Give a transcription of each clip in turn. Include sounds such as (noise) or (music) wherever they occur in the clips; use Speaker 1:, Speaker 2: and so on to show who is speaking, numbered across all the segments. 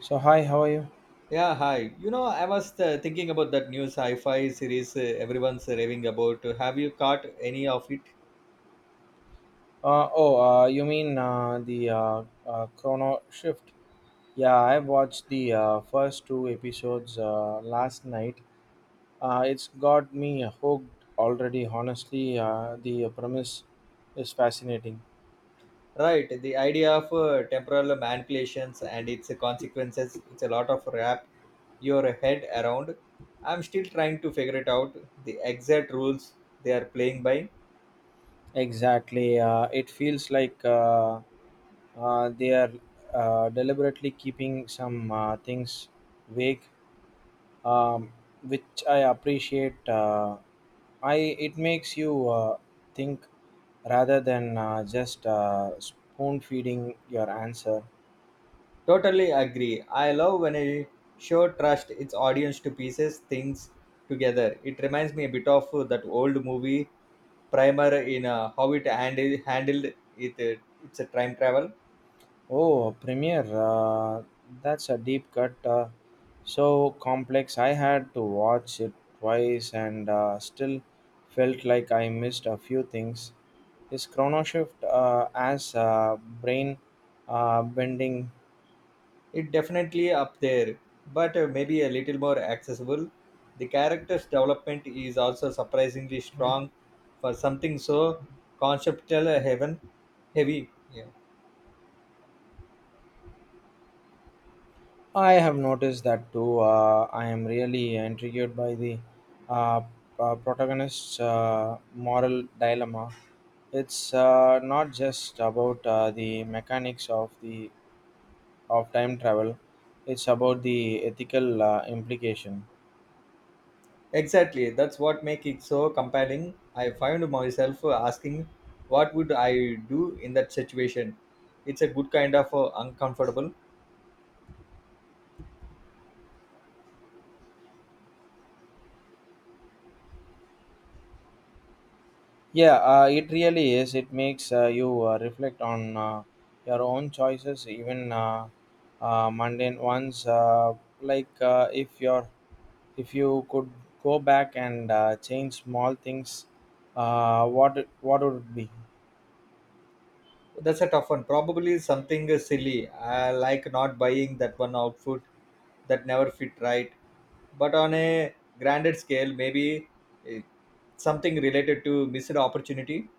Speaker 1: So hi, how are you?
Speaker 2: Yeah, hi. I was thinking about that new sci-fi series everyone's raving about. Have you caught any of it?
Speaker 1: Oh, you mean the Chrono Shift? Yeah, I watched the first two episodes last night. It's got me hooked already. Honestly, the premise is fascinating.
Speaker 2: Right, the idea of temporal manipulations and its consequences, it's a lot of wrap your head around. I'm still trying to figure it out, the exact rules they are playing by.
Speaker 1: Exactly. It feels like they are deliberately keeping some things vague, um, which I appreciate. I It makes you think rather than just spoon feeding your answer.
Speaker 2: Totally agree. I love when a show trusts its audience to pieces things together. It reminds me a bit of that old movie primer in how it handled it, it's a time travel.
Speaker 1: Oh, Premiere, that's a deep cut. So complex. I had to watch it twice and still felt like I missed a few things. Is Chrono Shift as brain bending?
Speaker 2: It definitely up there, but maybe a little more accessible. The character's development is also surprisingly strong for something so conceptual, heaven heavy. Yeah,
Speaker 1: I have noticed that too. I am really intrigued by the uh, protagonist's moral dilemma. It's not just about the mechanics of the of time travel. It's about the ethical implication.
Speaker 2: exactly, that's what makes it so compelling. I find myself asking what would I do in that situation. It's a good kind of uncomfortable.
Speaker 1: Yeah, it really is. It makes you reflect on your own choices, even mundane ones. Like, if your if you could go back and change small things, uh, what what would it be?
Speaker 2: That's a tough one. Probably something silly, like not buying that one outfit that never fit right. But on a grander scale, maybe eh, something related to missed opportunity.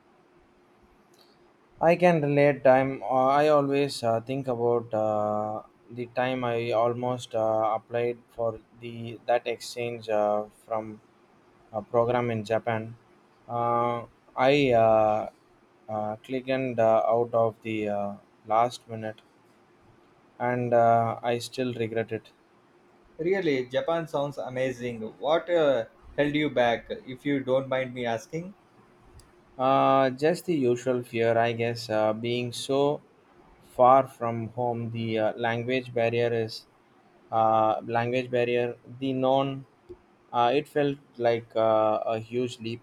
Speaker 1: I can relate. Time I always think about the time I almost applied for the that exchange, from a program in Japan. Uh, i uh, uh, clicked out of the last minute, and I still regret it.
Speaker 2: Really, Japan sounds amazing. What held you back, if you don't mind me asking?
Speaker 1: Just the usual fear, I guess. Being so far from home, the language barrier. It felt like a huge leap.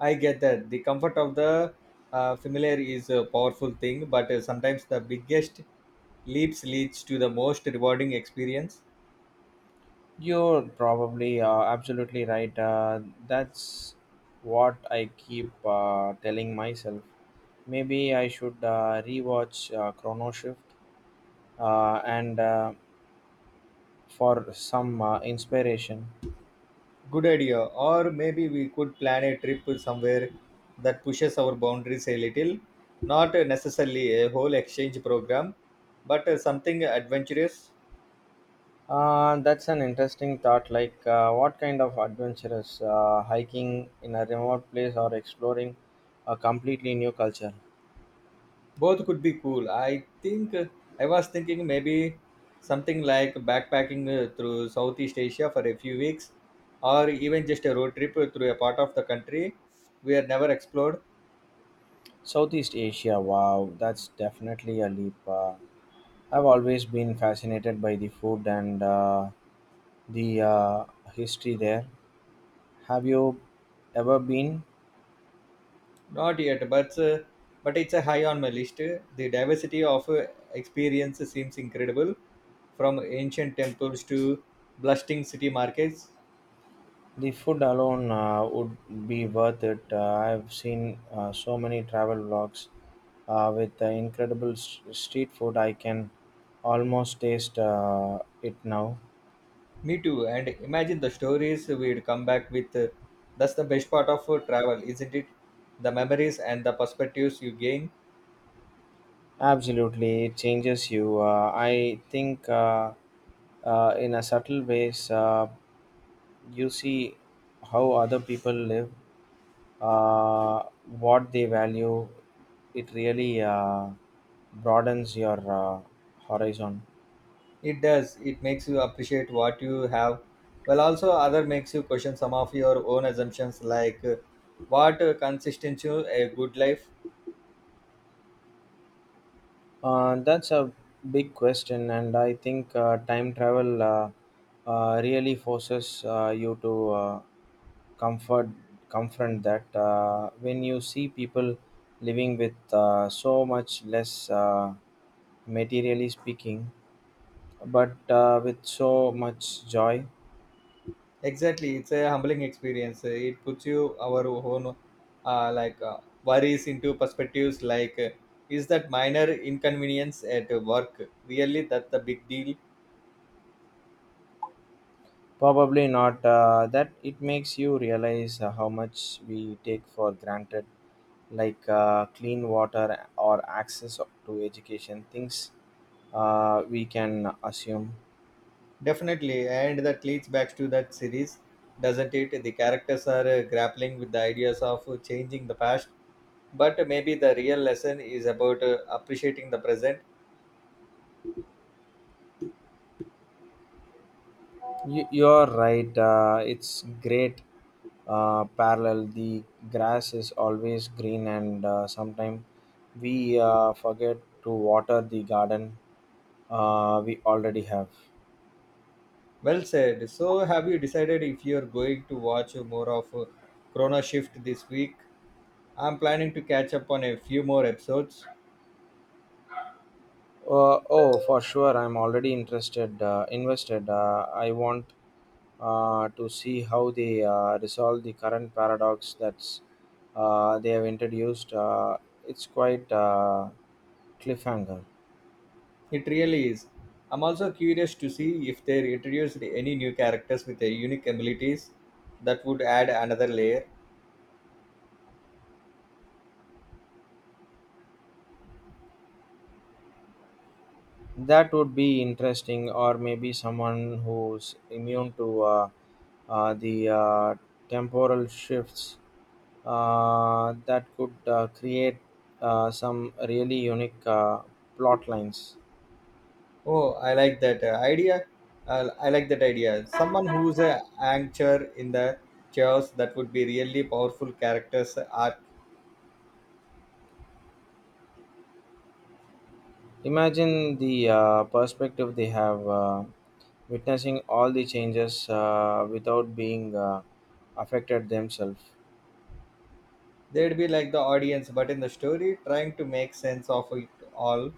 Speaker 2: I get that the comfort of the familiar is a powerful thing, but sometimes the biggest leaps leads to the most rewarding experience.
Speaker 1: You're probably absolutely right. That's what I keep telling myself. Maybe I should rewatch Chrono Shift, and for some inspiration.
Speaker 2: Good idea. Or maybe we could plan a trip somewhere that pushes our boundaries a little. Not necessarily a whole exchange program, but something adventurous.
Speaker 1: That's an interesting thought. Like, what kind of adventurous? Hiking in a remote place, or exploring a completely new culture?
Speaker 2: Both could be cool. I think I was thinking maybe something like backpacking through Southeast Asia for a few weeks, or even just a road trip through a part of the country we have never explored.
Speaker 1: Southeast Asia, wow, that's definitely a leap. I've always been fascinated by the food and the history there. Have you ever been?
Speaker 2: Not yet, but but it's a high on my list. The diversity of experience seems incredible, from ancient temples to bustling city markets.
Speaker 1: The food alone would be worth it. I've seen so many travel vlogs with the incredible street food. I can almost taste it now.
Speaker 2: Me too. And imagine the stories we'd come back with. That's the best part of travel, isn't it? The memories and the perspectives you gain.
Speaker 1: Absolutely, it changes you. I think in a subtle ways, you see how other people live, uh, what they value. It really broadens your horizon.
Speaker 2: It does. It makes you appreciate what you have. Well, also other makes you question some of your own assumptions, like what consists in a good life.
Speaker 1: That's a big question, and I think time travel really forces you to comfort confront that. When you see people living with so much less, materially speaking, but with so much joy.
Speaker 2: Exactly, it's a humbling experience. It puts you our own, like, worries into perspectives. Like, is that minor inconvenience at work really that the big deal?
Speaker 1: Probably not. That It makes you realize how much we take for granted, like clean water or access to education, things we can assume.
Speaker 2: Definitely, and that leads back to that series, doesn't it? The characters are grappling with the ideas of changing the past, but maybe the real lesson is about appreciating the present.
Speaker 1: You're right, it's great parallel. The grass is always green, and sometimes we forget to water the garden we already have.
Speaker 2: Well said. So, have you decided if you're going to watch more of Chrono Shift this week? I'm planning to catch up on a few more episodes.
Speaker 1: Oh, for sure. I'm already interested, invested. I want to see how they resolve the current paradox that's they have introduced. It's quite cliffhanger.
Speaker 2: It really is. I'm also curious to see if they introduced any new characters with their unique abilities that would add another layer.
Speaker 1: That would be interesting. Or maybe someone who's immune to the temporal shifts, that could create some really unique plot lines.
Speaker 2: Oh, I like that idea. I like that idea. Someone who's a anchor in the chaos that would be really powerful characters arc.
Speaker 1: Imagine the perspective they have, witnessing all the changes without being affected themselves.
Speaker 2: They'd be like the audience, but in the story, trying to make sense of it all.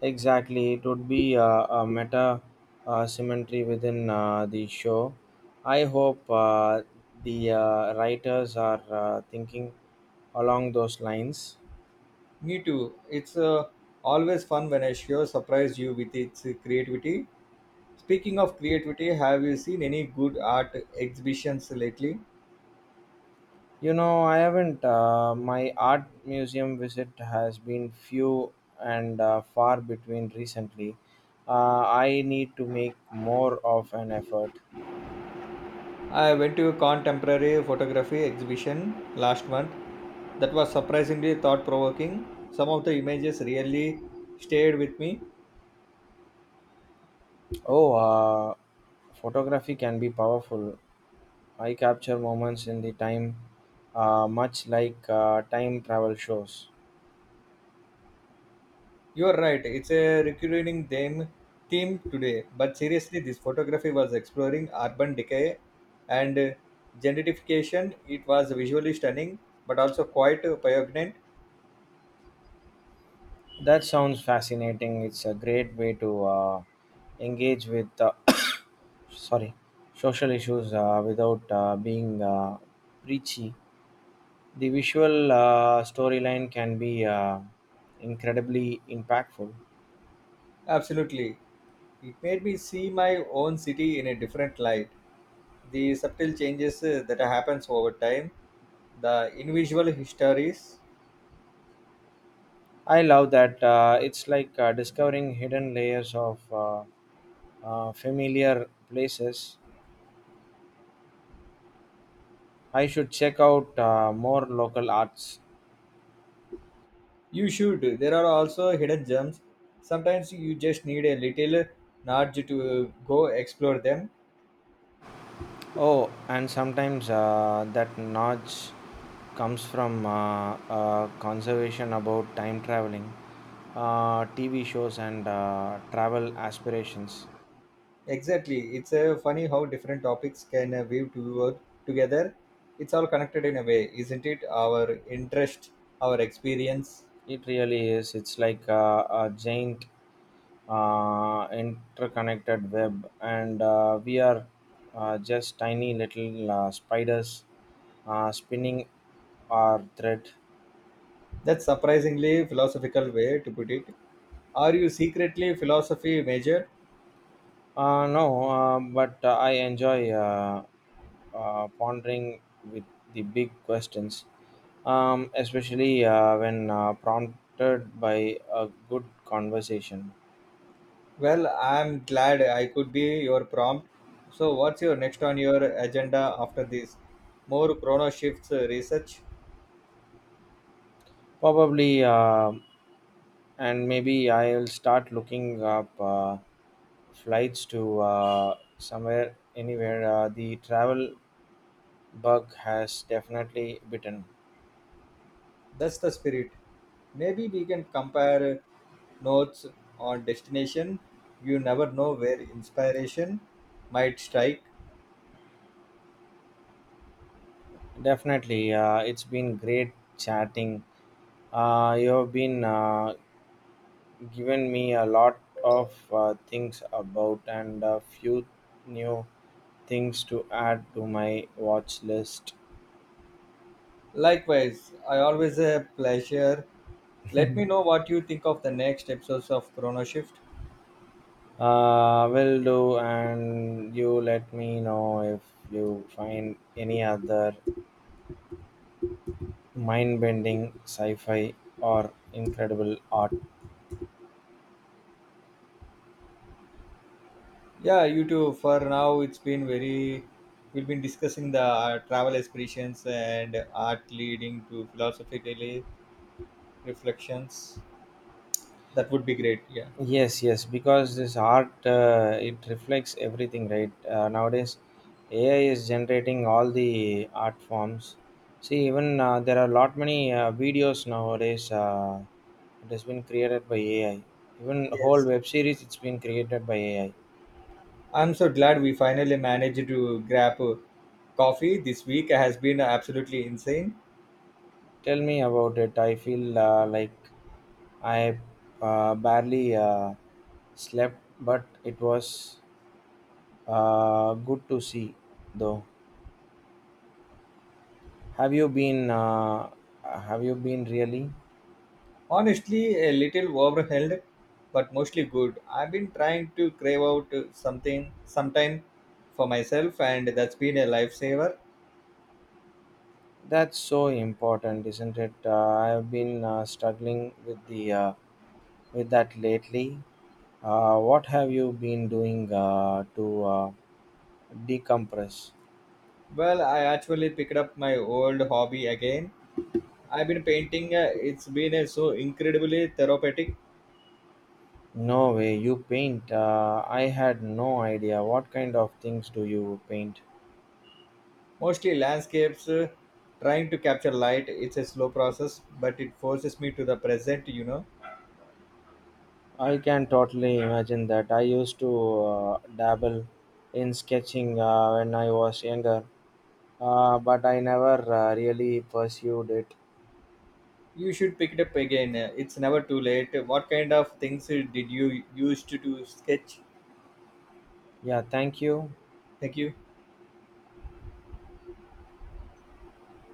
Speaker 1: Exactly, it would be a meta symmetry within the show. I hope the writers are thinking along those lines.
Speaker 2: Me too. It's always fun when a show surprises you with its creativity. Speaking of creativity, have you seen any good art exhibitions lately?
Speaker 1: You know, I haven't. My art museum visit has been few and far between recently. I need to make more of an effort.
Speaker 2: I went to a contemporary photography exhibition last month that was surprisingly thought provoking. Some of the images really stayed with me.
Speaker 1: Oh, uh, Photography can be powerful. I capture moments in the time, much like time travel shows.
Speaker 2: You are right, it's a recurring theme today, but seriously, this photography was exploring urban decay and gentrification. It was visually stunning but also quite poignant.
Speaker 1: That sounds fascinating. It's a great way to engage with, (coughs) sorry, social issues without being preachy. The visual storyline can be incredibly impactful.
Speaker 2: Absolutely. It made me see my own city in a different light. The subtle changes that happens over time, the individual histories.
Speaker 1: I love that. It's like discovering hidden layers of familiar places. I should check out more local arts.
Speaker 2: You should. There are also hidden gems. Sometimes you just need a little nudge to go explore them.
Speaker 1: Oh, and sometimes that nudge comes from conservation about time traveling, TV shows, and travel aspirations.
Speaker 2: Exactly. It's funny how different topics can weave together. It's all connected in a way, isn't it? Our interest, our experience.
Speaker 1: It really is. It's like a giant interconnected web, and we are just tiny little spiders spinning our thread.
Speaker 2: That's surprisingly philosophical way to put it. Are you secretly philosophy major?
Speaker 1: No, but I enjoy pondering with the big questions, especially when prompted by a good conversation.
Speaker 2: Well, I'm glad I could be your prompt. So, what's your next on your agenda after this? More Chrono Shifts research?
Speaker 1: Probably. And maybe I'll start looking up flights to, somewhere, anywhere. The travel bug has definitely bitten.
Speaker 2: That's the spirit. Maybe we can compare notes on destination. You never know where inspiration might strike.
Speaker 1: Definitely, it's been great chatting. You have been given me a lot of things about and a few new things to add to my watch list.
Speaker 2: Likewise, I always a pleasure. Let me know what you think of the next episodes of Chrono Shift.
Speaker 1: Will do, and you let me know if you find any other mind-bending sci-fi or incredible art.
Speaker 2: Yeah, you too. For now, it's been very. We've been discussing the travel aspirations and art leading to philosophically reflections. That would be great. Yeah,
Speaker 1: Yes, yes, because this art, it reflects everything, right? Nowadays, AI is generating all the art forms. See, even there are a lot many videos nowadays. It has been created by AI. Even whole
Speaker 2: yes.
Speaker 1: web series, it's been created by AI.
Speaker 2: I'm so glad we finally managed to grab coffee this week. Has been absolutely insane.
Speaker 1: Tell me about it. I feel like I barely slept, but it was good to see though. Have you been uh, have you been really?
Speaker 2: Honestly, a little overwhelmed, but mostly good. I've been trying to crave out something sometime for myself, and that's been a lifesaver.
Speaker 1: That's so important, isn't it? I've been struggling with the with that lately. What have you been doing to decompress?
Speaker 2: Well, I actually picked up my old hobby again. I've been painting. It's been so incredibly therapeutic.
Speaker 1: No way, you paint. I had no idea. What kind of things do you paint?
Speaker 2: Mostly landscapes, trying to capture light. It's a slow process, but it forces me to the present, you know.
Speaker 1: I can totally imagine that. I used to dabble in sketching when I was younger, but I never really pursued it.
Speaker 2: You should pick it up again. It's never too late. What kind of things did you used to do sketch?
Speaker 1: Yeah, thank you.
Speaker 2: Thank you.